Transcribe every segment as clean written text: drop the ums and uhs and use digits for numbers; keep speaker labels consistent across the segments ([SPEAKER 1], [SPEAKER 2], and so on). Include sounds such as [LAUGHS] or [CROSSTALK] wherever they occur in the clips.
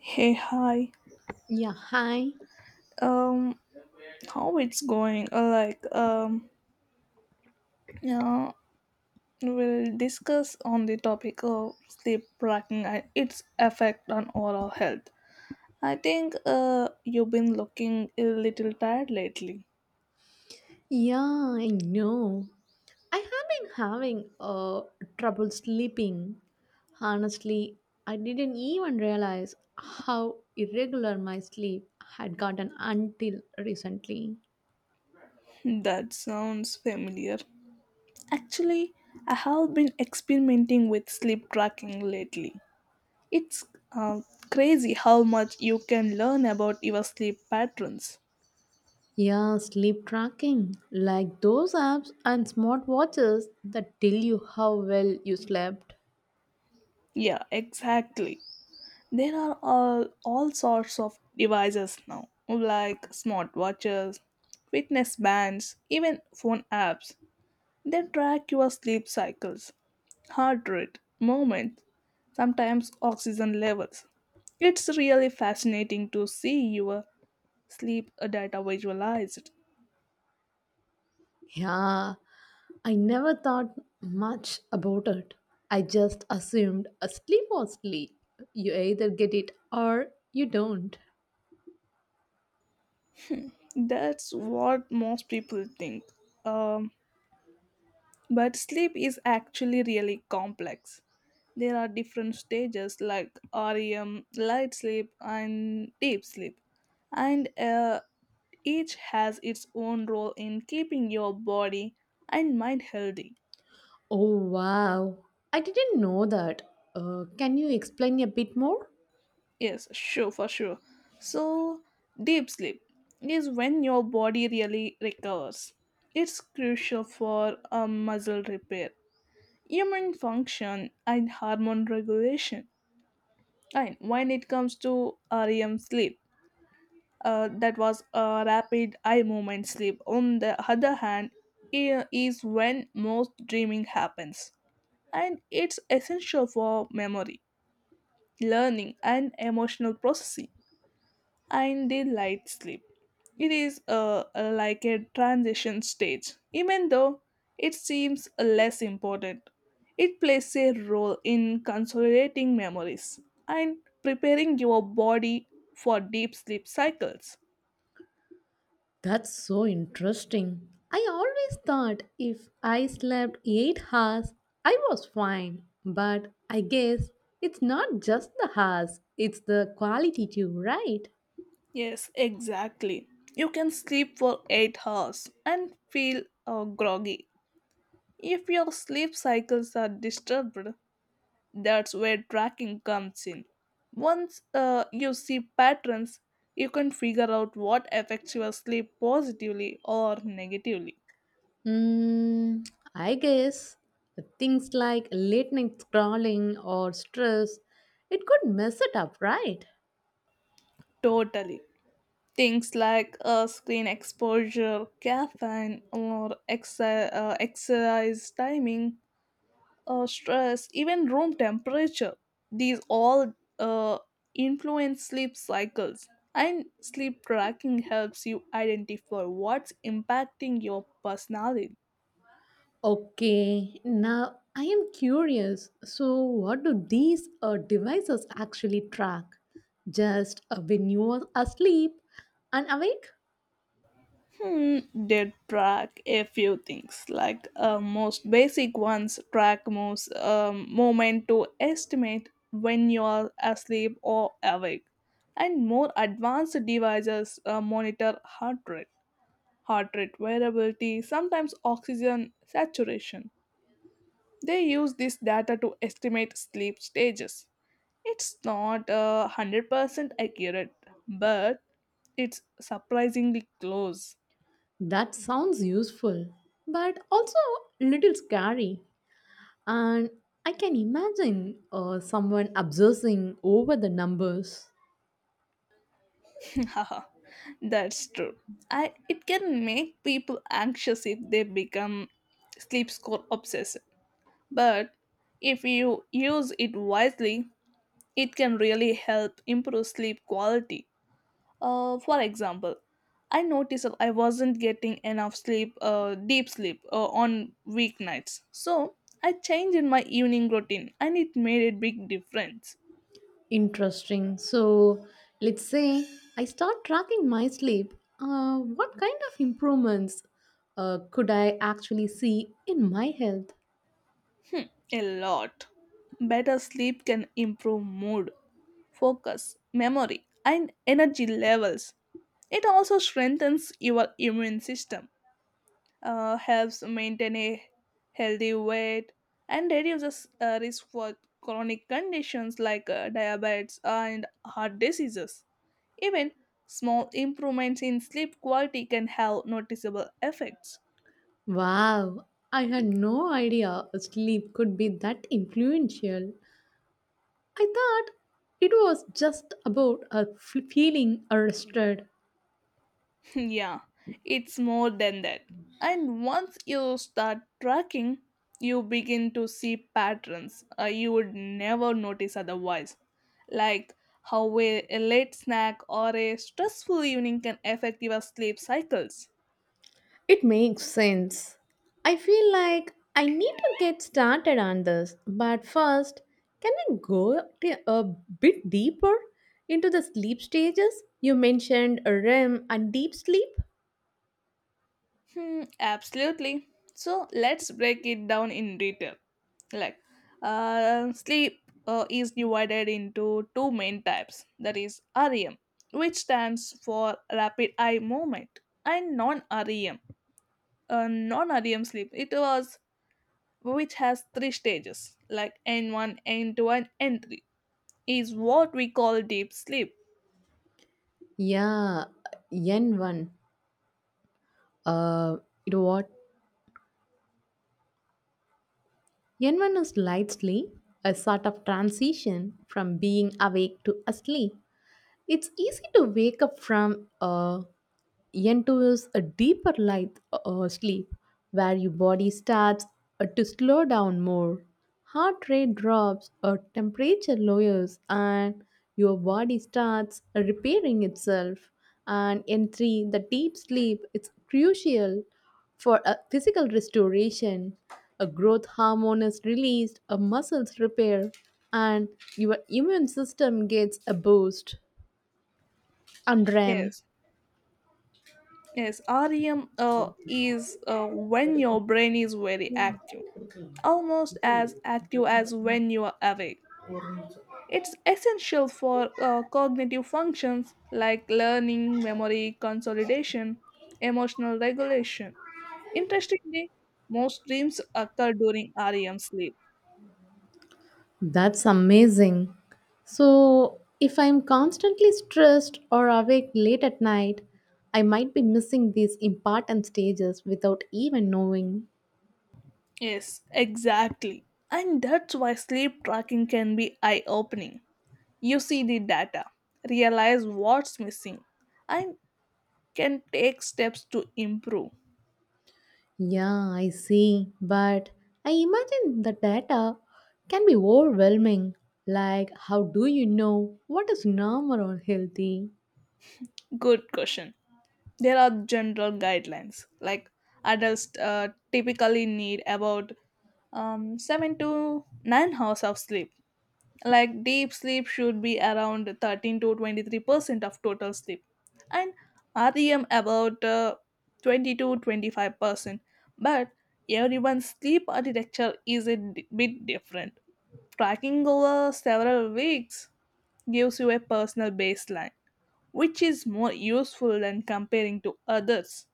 [SPEAKER 1] Hey, hi.
[SPEAKER 2] Yeah, hi.
[SPEAKER 1] Um, how it's going? Like, yeah, we'll discuss on the topic of sleep tracking and its effect on overall health. I think you've been looking a little tired lately.
[SPEAKER 2] Yeah, I know. I have been having trouble sleeping. Honestly, I didn't even realize how irregular my sleep had gotten until recently.
[SPEAKER 1] That sounds familiar. Actually, I have been experimenting with sleep tracking lately. It's uh, crazy how much you can learn about your sleep patterns.
[SPEAKER 2] Yeah, sleep tracking, like those apps and smartwatches that tell you how well you slept.
[SPEAKER 1] Yeah, exactly. There are all sorts of devices now, like smartwatches, fitness bands, even phone apps. They track your sleep cycles, heart rate, movement, sometimes oxygen levels. It's really fascinating to see your sleep data visualized.
[SPEAKER 2] Yeah, I never thought much about it. I just assumed a sleep was sleep. You either get it or you don't.
[SPEAKER 1] That's what most people think. Um, But sleep is actually really complex. There are different stages like REM, light sleep, and deep sleep, and each has its own role in keeping your body and mind healthy.
[SPEAKER 2] Oh wow, I didn't know that. Can you explain a bit more?
[SPEAKER 1] Yes, sure, for sure. So, deep sleep is when your body really recovers. It's crucial for muscle repair, immune function, and hormone regulation. And when it comes to REM sleep, that was a rapid eye movement sleep. On the other hand, is when most dreaming happens, and it's essential for memory, learning, and emotional processing. And they light sleep. It is like a transition stage, even though it seems less important. It plays a role in consolidating memories and preparing your body for deep sleep cycles.
[SPEAKER 2] That's so interesting. I always thought if I slept 8 hours, I was fine. But I guess it's not just the hours, it's the quality too, right?
[SPEAKER 1] Yes, exactly. You can sleep for 8 hours and feel groggy, if your sleep cycles are disturbed. That's where tracking comes in. Once you see patterns, you can figure out what affects your sleep positively or negatively.
[SPEAKER 2] Mm, I guess things like late night scrolling or stress, it could mess it up, right?
[SPEAKER 1] Totally. Things like screen exposure, caffeine, or exercise timing, stress, even room temperature. These all influence sleep cycles. And sleep tracking helps you identify what's impacting your personality.
[SPEAKER 2] Okay, now I am curious. So, what do these devices actually track? Just when you are asleep and awake?
[SPEAKER 1] Hmm, did track a few things, like most basic ones track moves, moment to estimate when you are asleep or awake. And more advanced devices monitor heart rate, heart rate variability, sometimes oxygen saturation. They use this data to estimate sleep stages. It's not 100% accurate, but it's surprisingly close.
[SPEAKER 2] That sounds useful, but also a little scary. And I can imagine someone obsessing over the numbers.
[SPEAKER 1] Haha, that's true. I it can make people anxious if they become sleep score obsessive. But if you use it wisely, it can really help improve sleep quality. For example, I noticed that I wasn't getting enough sleep, deep sleep, on weeknights. So I changed my evening routine, and it made a big difference.
[SPEAKER 2] Interesting. So, let's say I start tracking my sleep. What kind of improvements could I actually see in my health?
[SPEAKER 1] A lot. Better sleep can improve mood, focus, memory, and energy levels. It also strengthens your immune system, helps maintain a healthy weight, and reduces risk for chronic conditions like diabetes and heart diseases. Even small improvements in sleep quality can have noticeable effects.
[SPEAKER 2] Wow, I had no idea sleep could be that influential. I thought it was just about feeling rested.
[SPEAKER 1] [LAUGHS] Yeah, it's more than that. And once you start tracking, you begin to see patterns you would never notice otherwise, like how a late snack or a stressful evening can affect your sleep cycles.
[SPEAKER 2] It makes sense. I feel like I need to get started on this, but first, can we a bit deeper into the sleep stages? You mentioned REM and deep sleep.
[SPEAKER 1] Hmm, absolutely. So let's break it down in detail. Like, sleep is divided into two main types. That is REM, which stands for rapid eye movement, and non-REM sleep. It was Which has three stages, like N1, N2, and N3. Is what we call deep sleep.
[SPEAKER 2] Yeah, N1. Uh, it what? N1 is light sleep, a sort of transition from being awake to asleep. It's easy to wake up from into a deeper light sleep where your body starts to slow down more. Heart rate drops, or temperature lowers, and your body starts repairing itself. And in three, the deep sleep is crucial for a physical restoration. A growth hormone is released, a muscles repair, and your immune system gets a boost and RAM.
[SPEAKER 1] Yes, yes. REM is when your brain is very active, almost as active as when you are awake. It's essential for cognitive functions like learning, memory consolidation, emotional regulation. Interestingly, most dreams occur during REM sleep.
[SPEAKER 2] That's amazing. So, if I'm constantly stressed or awake late at night, I might be missing these important stages without even knowing.
[SPEAKER 1] Yes, exactly. And that's why sleep tracking can be eye opening. You see the data, realize what's missing, and can take steps to improve.
[SPEAKER 2] Yeah, I see. But I imagine the data can be overwhelming. Like, how do you know what is normal or healthy?
[SPEAKER 1] Good question. There are general guidelines, like adults typically need about 7 to 9 hours of sleep. Like, deep sleep should be around 13 to 23% of total sleep, and REM about 20 to 25%. But everyone's sleep architecture is a bit different. Tracking over several weeks gives you a personal baseline, which is more useful than comparing to others.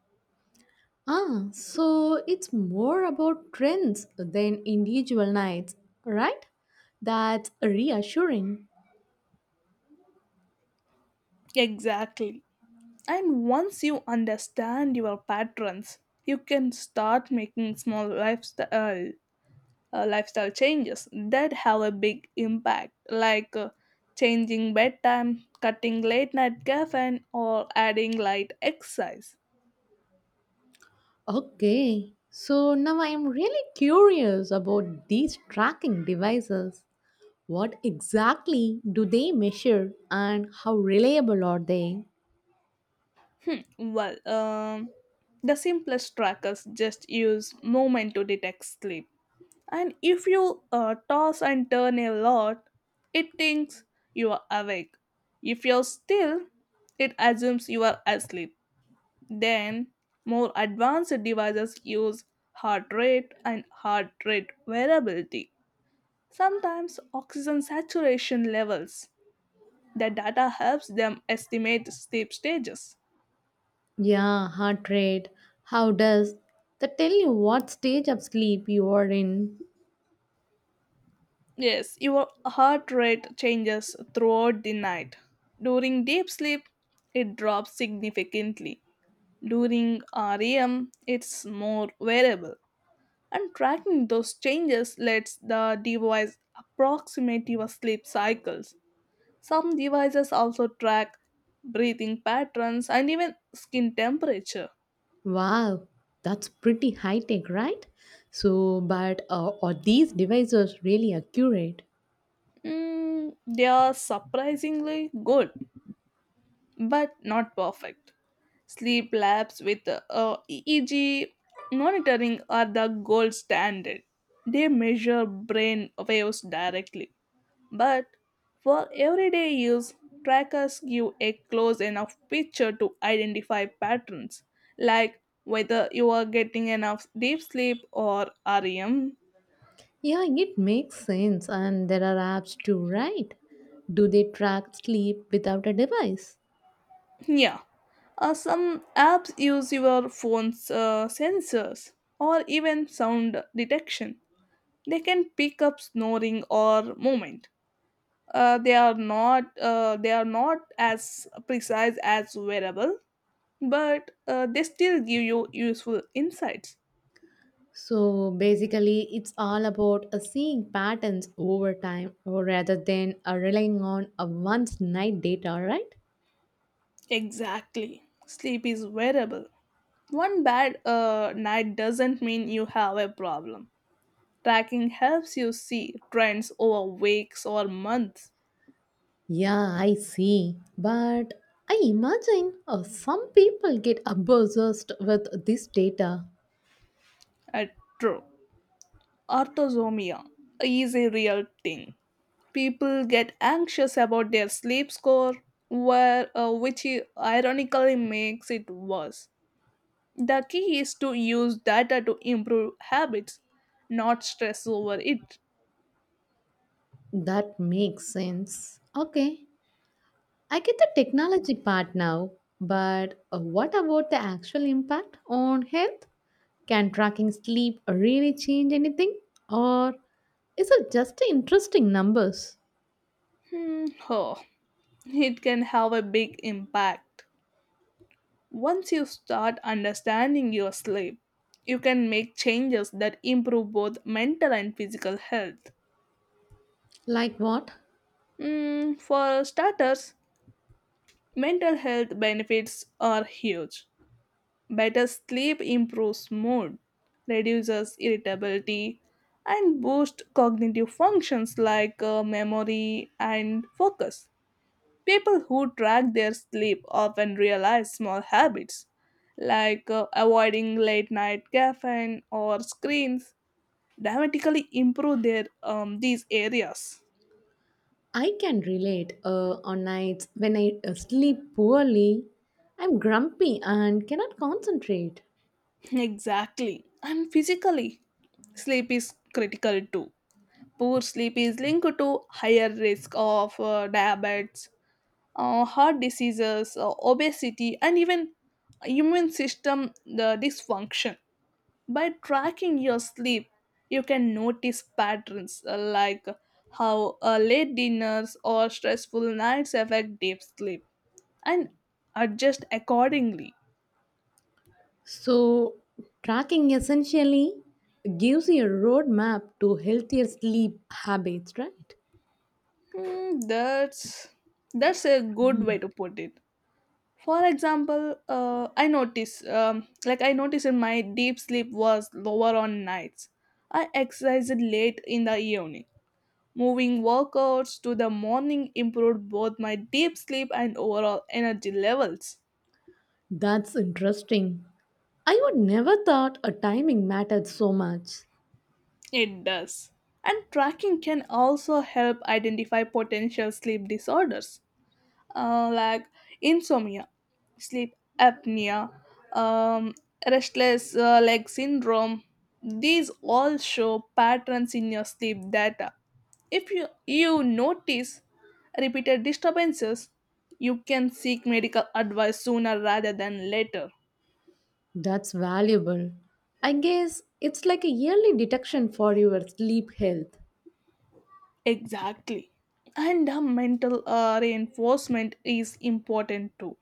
[SPEAKER 2] Ah, so it's more about trends than individual nights, right? That's reassuring.
[SPEAKER 1] Exactly. And once you understand your patterns, you can start making small lifestyle changes that have a big impact, like changing bedtime, cutting late night caffeine, or adding light exercise.
[SPEAKER 2] Okay, so now I am really curious about these tracking devices. What exactly do they measure and how reliable are they?
[SPEAKER 1] Well, the simplest trackers just use movement to detect sleep. And if you toss and turn a lot, it thinks you are awake. If you're still, it assumes you are asleep. Then, more advanced devices use heart rate and heart rate variability, sometimes oxygen saturation levels. The data helps them estimate sleep stages.
[SPEAKER 2] Yeah, heart rate. How does that tell you what stage of sleep you are in?
[SPEAKER 1] Yes, your heart rate changes throughout the night. During deep sleep, it drops significantly. During REM, it's more variable, and tracking those changes lets the device approximate your sleep cycles. Some devices also track breathing patterns and even skin temperature.
[SPEAKER 2] Wow, that's pretty high tech, right? So, but are these devices really accurate?
[SPEAKER 1] Mm, they are surprisingly good, but not perfect. Sleep labs with EEG monitoring are the gold standard. They measure brain waves directly. But for everyday use, trackers give a close enough picture to identify patterns, like whether you are getting enough deep sleep or REM.
[SPEAKER 2] Yeah, it makes sense. And there are apps too, right? Do they track sleep without a device?
[SPEAKER 1] Yeah. Some apps use your phone's sensors or even sound detection. They can pick up snoring or movement. They are not as precise as wearable, but they still give you useful insights.
[SPEAKER 2] So basically, it's all about seeing patterns over time or rather than relying on a once night data, right?
[SPEAKER 1] Exactly. Sleep is wearable. One bad night doesn't mean you have a problem. Tracking helps you see trends over weeks or months.
[SPEAKER 2] Yeah, I see. But I imagine some people get obsessed with this data.
[SPEAKER 1] Uh, True. Orthosomia is a real thing. People get anxious about their sleep score, where, uh, which i- ironically makes it worse. The key is to use data to improve habits, not stress over it.
[SPEAKER 2] That makes sense. Okay, I get the technology part now, but what about the actual impact on health? Can tracking sleep really change anything? Or is it just interesting numbers?
[SPEAKER 1] Hmm. Oh. It can have a big impact. Once you start understanding your sleep, you can make changes that improve both mental and physical health.
[SPEAKER 2] Like what?
[SPEAKER 1] For starters, mental health benefits are huge. Better sleep improves mood, reduces irritability, and boosts cognitive functions like memory and focus. People who track their sleep often realize small habits like avoiding late night caffeine or screens dramatically improve their these areas.
[SPEAKER 2] I can relate on nights when I sleep poorly, I'm grumpy and cannot concentrate.
[SPEAKER 1] Exactly. And physically, sleep is critical too. Poor sleep is linked to higher risk of diabetes, heart diseases, obesity, and even immune system the dysfunction. By tracking your sleep, you can notice patterns like how late dinners or stressful nights affect deep sleep, and adjust accordingly.
[SPEAKER 2] So, tracking essentially gives you a roadmap to healthier sleep habits, right?
[SPEAKER 1] Hmm, that's a good way to put it. For example, I notice like I noticed in my deep sleep was lower on nights I exercised late in the evening. Moving workouts to the morning improved both my deep sleep and overall energy levels.
[SPEAKER 2] That's interesting. I would never thought a timing mattered so much.
[SPEAKER 1] It does. And tracking can also help identify potential sleep disorders, like insomnia, sleep apnea, um, restless leg syndrome. These all show patterns in your sleep data. If you notice repeated disturbances, you can seek medical advice sooner rather than later.
[SPEAKER 2] That's valuable. I guess it's like a yearly detection for your sleep health.
[SPEAKER 1] Exactly. And the mental reinforcement is important too.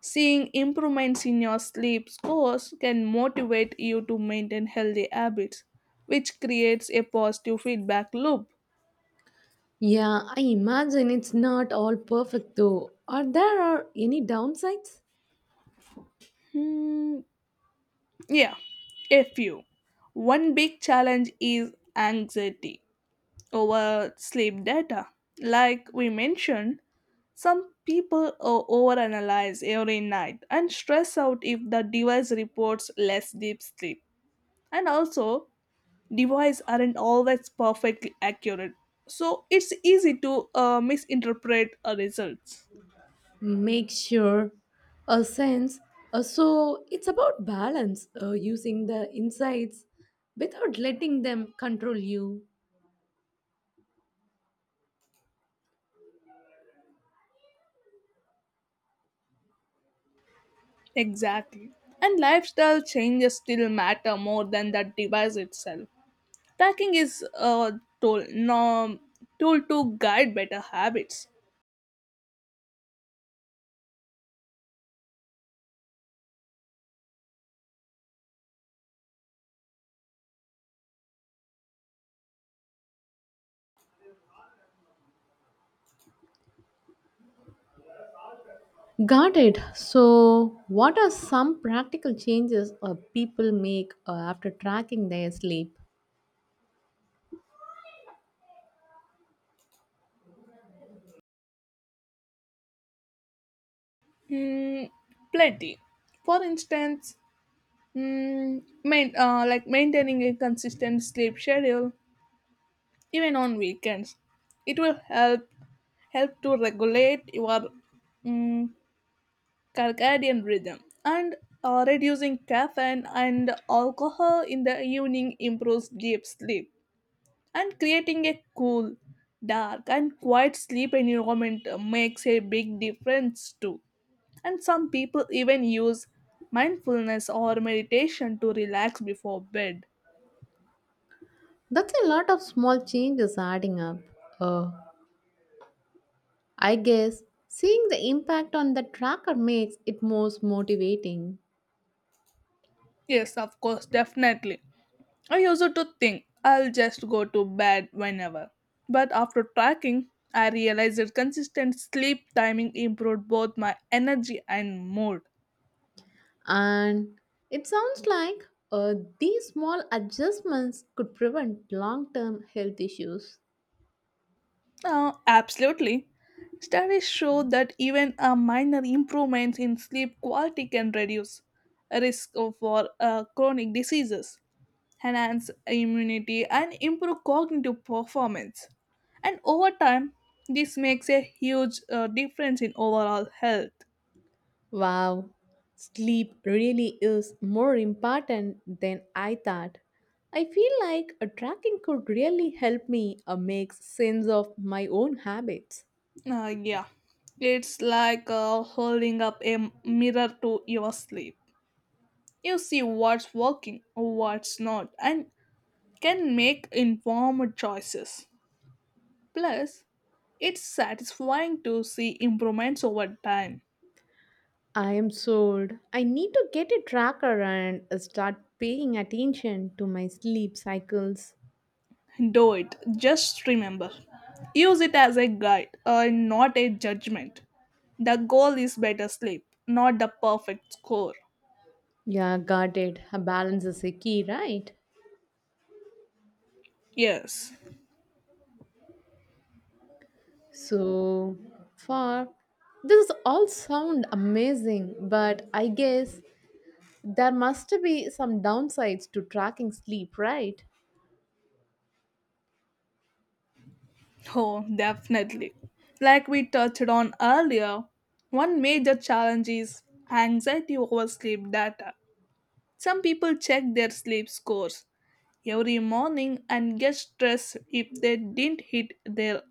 [SPEAKER 1] Seeing improvements in your sleep scores can motivate you to maintain healthy habits, which creates a positive feedback loop.
[SPEAKER 2] Yeah, I imagine it's not all perfect though. Are there are any downsides?
[SPEAKER 1] Hmm, yeah, a few. One big challenge is anxiety over sleep data. Like we mentioned, some people overanalyze every night and stress out if the device reports less deep sleep. And also, devices aren't always perfectly accurate, so it's easy to misinterpret results.
[SPEAKER 2] Make sure a sense. So it's about balance, using the insights without letting them control you.
[SPEAKER 1] Exactly. And lifestyle changes still matter more than that device itself. Tracking is a tool, no, tool to guide better habits.
[SPEAKER 2] Got it. So, what are some practical changes people make after tracking their sleep?
[SPEAKER 1] Mm, Plenty. For instance, like maintaining a consistent sleep schedule, even on weekends. It will help to regulate your mm, circadian rhythm. And reducing caffeine and alcohol in the evening improves deep sleep. And creating a cool, dark and quiet sleep environment makes a big difference too. And some people even use mindfulness or meditation to relax before bed.
[SPEAKER 2] That's a lot of small changes adding up. Uh, I guess seeing the impact on the tracker makes it most motivating.
[SPEAKER 1] Yes, of course, definitely. I used to think I'll just go to bed whenever. But after tracking, I realized that consistent sleep timing improved both my energy and mood.
[SPEAKER 2] And it sounds like these small adjustments could prevent long term health issues.
[SPEAKER 1] Oh, absolutely. Studies show that even a minor improvement in sleep quality can reduce risk for chronic diseases, enhance immunity, and improve cognitive performance. And over time, this makes a huge difference in overall health.
[SPEAKER 2] Wow, sleep really is more important than I thought. I feel like a tracking could really help me make sense of my own habits.
[SPEAKER 1] Yeah, it's like holding up a mirror to your sleep. You see what's working, what's not, and can make informed choices. Plus, it's satisfying to see improvements over time.
[SPEAKER 2] I am sold. I need to get a tracker and start paying attention to my sleep cycles.
[SPEAKER 1] Do it. Just remember. Use it as a guide, not a judgment. The goal is better sleep, not the perfect score.
[SPEAKER 2] Yeah, got it. A balance is a key, right?
[SPEAKER 1] Yes.
[SPEAKER 2] So far, this all sound amazing, but I guess there must be some downsides to tracking sleep, right?
[SPEAKER 1] Oh, definitely. Like we touched on earlier, one major challenge is anxiety over sleep data. Some people check their sleep scores every morning and get stressed if they didn't hit their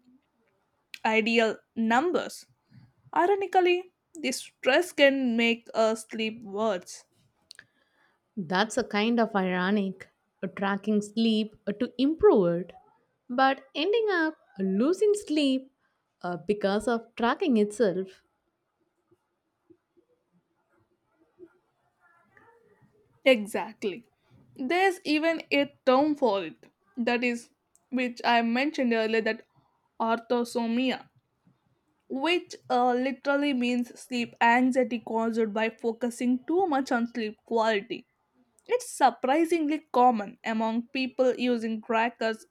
[SPEAKER 1] ideal numbers. Ironically, this stress can make us sleep worse.
[SPEAKER 2] That's a kind of ironic. Tracking sleep to improve it, but ending up losing sleep because of tracking itself.
[SPEAKER 1] Exactly. There's even a term for it. That is, which I mentioned earlier, that orthosomnia. Which literally means sleep anxiety caused by focusing too much on sleep quality. It's surprisingly common among people using trackers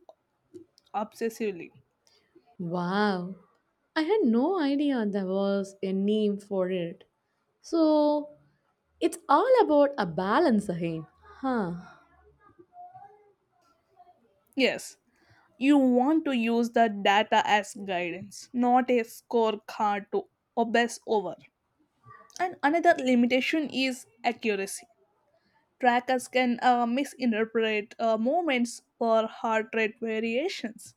[SPEAKER 1] obsessively.
[SPEAKER 2] Wow. I had no idea there was a name for it. So it's all about a balance again. Huh.
[SPEAKER 1] Yes, you want to use the data as guidance, not a scorecard to obsess over. And another limitation is accuracy. Trackers can misinterpret movements or heart rate variations.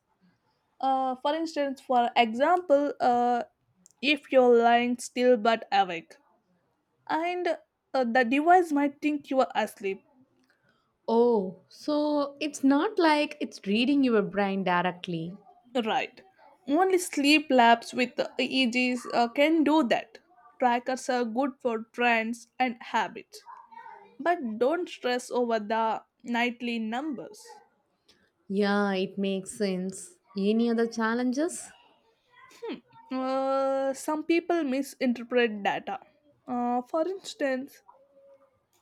[SPEAKER 1] For example, if you're lying still but awake, and the device might think you are asleep.
[SPEAKER 2] Oh, so it's not like it's reading your brain directly.
[SPEAKER 1] Right. Only sleep labs with EEGs can do that. Trackers are good for trends and habits, but don't stress over the nightly numbers.
[SPEAKER 2] Yeah, it makes sense. Any other challenges?
[SPEAKER 1] Some people misinterpret data. Uh, for instance,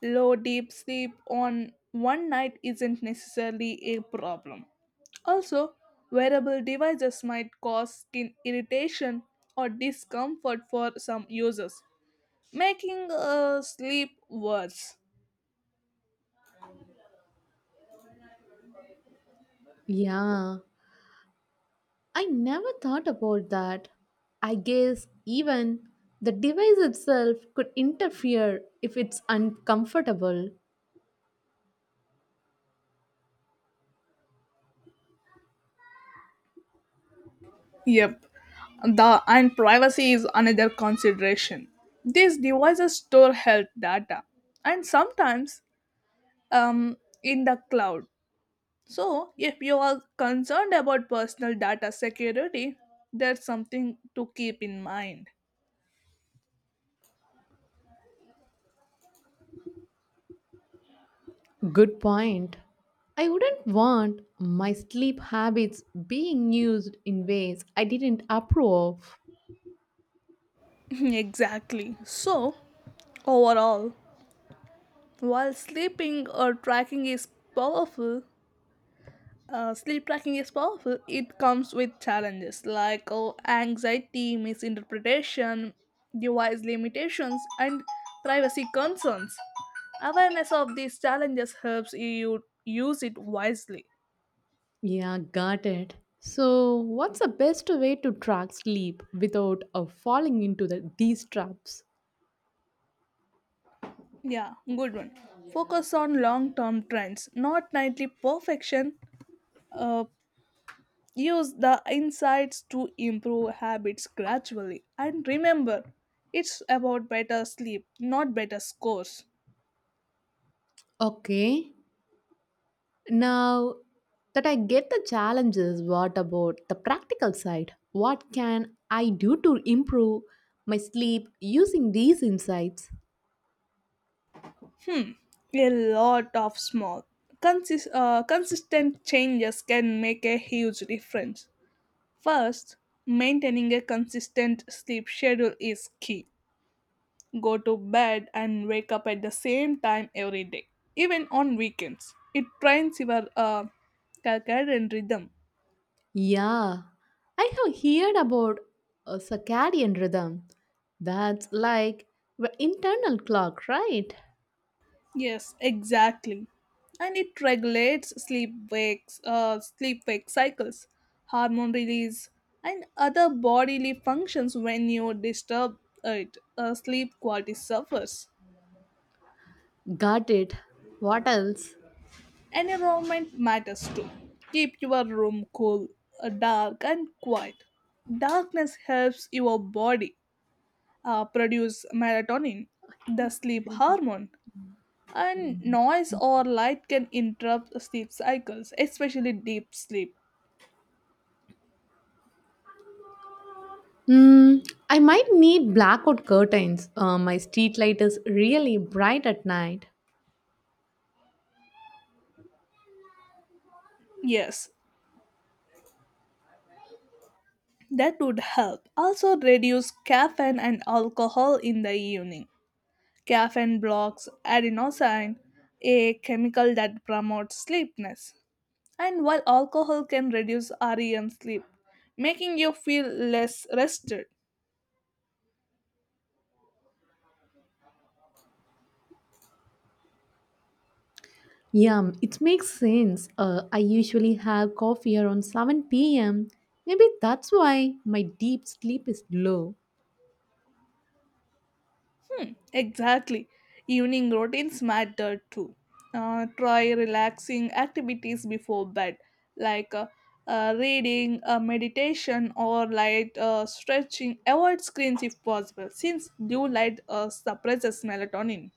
[SPEAKER 1] Low deep sleep on one night isn't necessarily a problem. Also, wearable devices might cause skin irritation or discomfort for some users, making sleep worse.
[SPEAKER 2] Yeah, I never thought about that. I guess even the device itself could interfere if it's uncomfortable.
[SPEAKER 1] Yep, the and privacy is another consideration. These devices store health data and sometimes um, in the cloud. So, if you are concerned about personal data security, that's something to keep in mind.
[SPEAKER 2] Good point. I wouldn't want my sleep habits being used in ways I didn't approve of.
[SPEAKER 1] [LAUGHS] exactly. So, overall, while powerful, sleep tracking is powerful, it comes with challenges like anxiety, misinterpretation, device limitations, and privacy concerns. Awareness of these challenges helps you use it wisely.
[SPEAKER 2] Yeah, got it. So, what's the best way to track sleep without falling into these traps?
[SPEAKER 1] Yeah, good one. Focus on long term trends, not nightly perfection. Uh, Use the insights to improve habits gradually. And remember, it's about better sleep, not better scores.
[SPEAKER 2] Okay, now that I get the challenges, what about the practical side? What can I do to improve my sleep using these insights?
[SPEAKER 1] A lot of small, consistent changes can make a huge difference. First, maintaining a consistent sleep schedule is key. Go to bed and wake up at the same time every day, even on weekends. It trains your circadian rhythm.
[SPEAKER 2] Yeah, I have heard about a circadian rhythm. That's like the internal clock, right?
[SPEAKER 1] Yes, exactly. And it regulates sleep wake cycles, hormone release, and other bodily functions. When you disturb it, sleep quality suffers.
[SPEAKER 2] Got it. What else?
[SPEAKER 1] Environment matters too. Keep your room cool, dark, and quiet. Darkness helps your body produce melatonin, the sleep hormone, and noise or light can interrupt sleep cycles, especially deep sleep.
[SPEAKER 2] Hmm, I might need blackout curtains. My street light is really bright at night.
[SPEAKER 1] Yes, that would help. Also, reduce caffeine and alcohol in the evening. Caffeine blocks adenosine, a chemical that promotes sleepiness. And while alcohol can reduce REM sleep, making you feel less rested.
[SPEAKER 2] Yeah, it makes sense. I usually have coffee around 7 pm. Maybe that's why my deep sleep is low.
[SPEAKER 1] Exactly. Evening routines matter too. Try relaxing activities before bed, like reading, meditation, or light stretching. Avoid screens if possible, since blue light suppresses melatonin.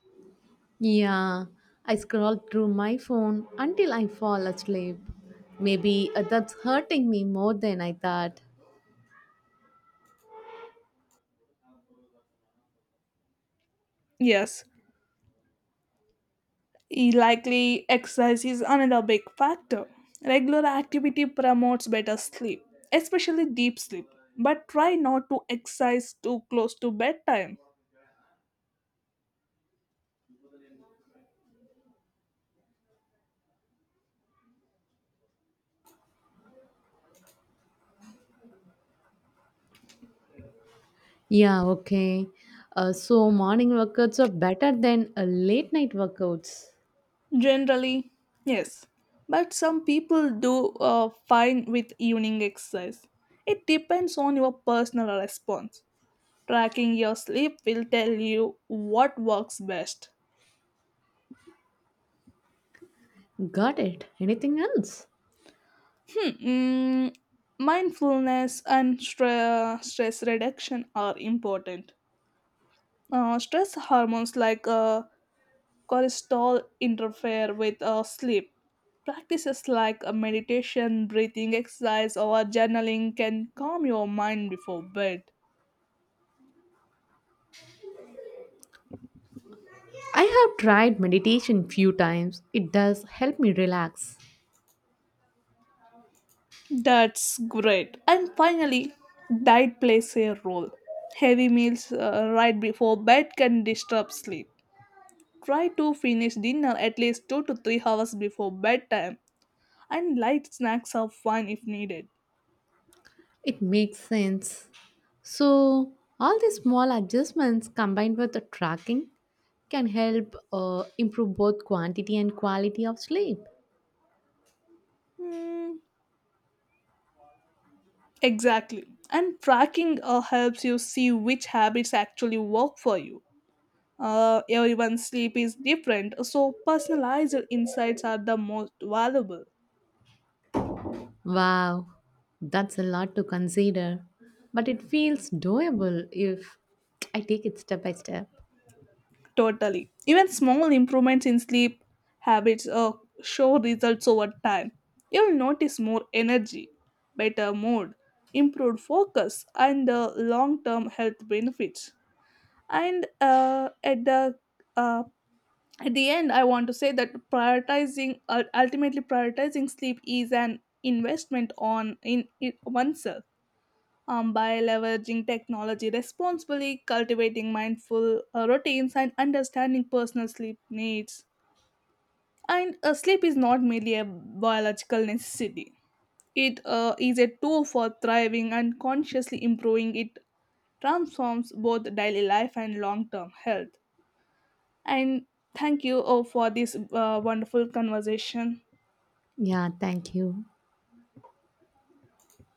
[SPEAKER 2] Yeah, I scroll through my phone until I fall asleep. Maybe that's hurting me more than I thought.
[SPEAKER 1] Yes, e- likely exercise is another big factor. Regular activity promotes better sleep, especially deep sleep, but try not to exercise too close to bedtime.
[SPEAKER 2] Yeah, okay. So morning workouts are better than late night workouts.
[SPEAKER 1] Generally, yes. But some people do fine with evening exercise. It depends on your personal response. Tracking your sleep will tell you what works best.
[SPEAKER 2] Got it. Anything else?
[SPEAKER 1] Hmm. Mindfulness and stress reduction are important. Stress hormones like cortisol interfere with sleep. Practices like a meditation, breathing exercise, or journaling can calm your mind before bed.
[SPEAKER 2] I have tried meditation few times. It does help me relax.
[SPEAKER 1] That's great. And finally, diet plays a role. Heavy meals right before bed can disturb sleep. Try to finish dinner at least 2 to 3 hours before bedtime, and light snacks are fine if needed.
[SPEAKER 2] It makes sense. So, all these small adjustments combined with the tracking can help improve both quantity and quality of sleep.
[SPEAKER 1] Hmm. Exactly. And tracking helps you see which habits actually work for you. Everyone's sleep is different, so personalized insights are the most valuable.
[SPEAKER 2] Wow, that's a lot to consider, but it feels doable if I take it step by step.
[SPEAKER 1] Totally. Even small improvements in sleep habits show results over time. You'll notice more energy, better mood, improved focus, and long term health benefits. And uh, at the end I want to say that prioritizing ultimately prioritizing sleep is an investment on in it oneself. By leveraging technology responsibly, cultivating mindful routines, and understanding personal sleep needs, and sleep is not merely a biological necessity, it is a tool for thriving, and consciously improving it transforms both daily life and long-term health. And thank you for this wonderful conversation.
[SPEAKER 2] Yeah, thank you.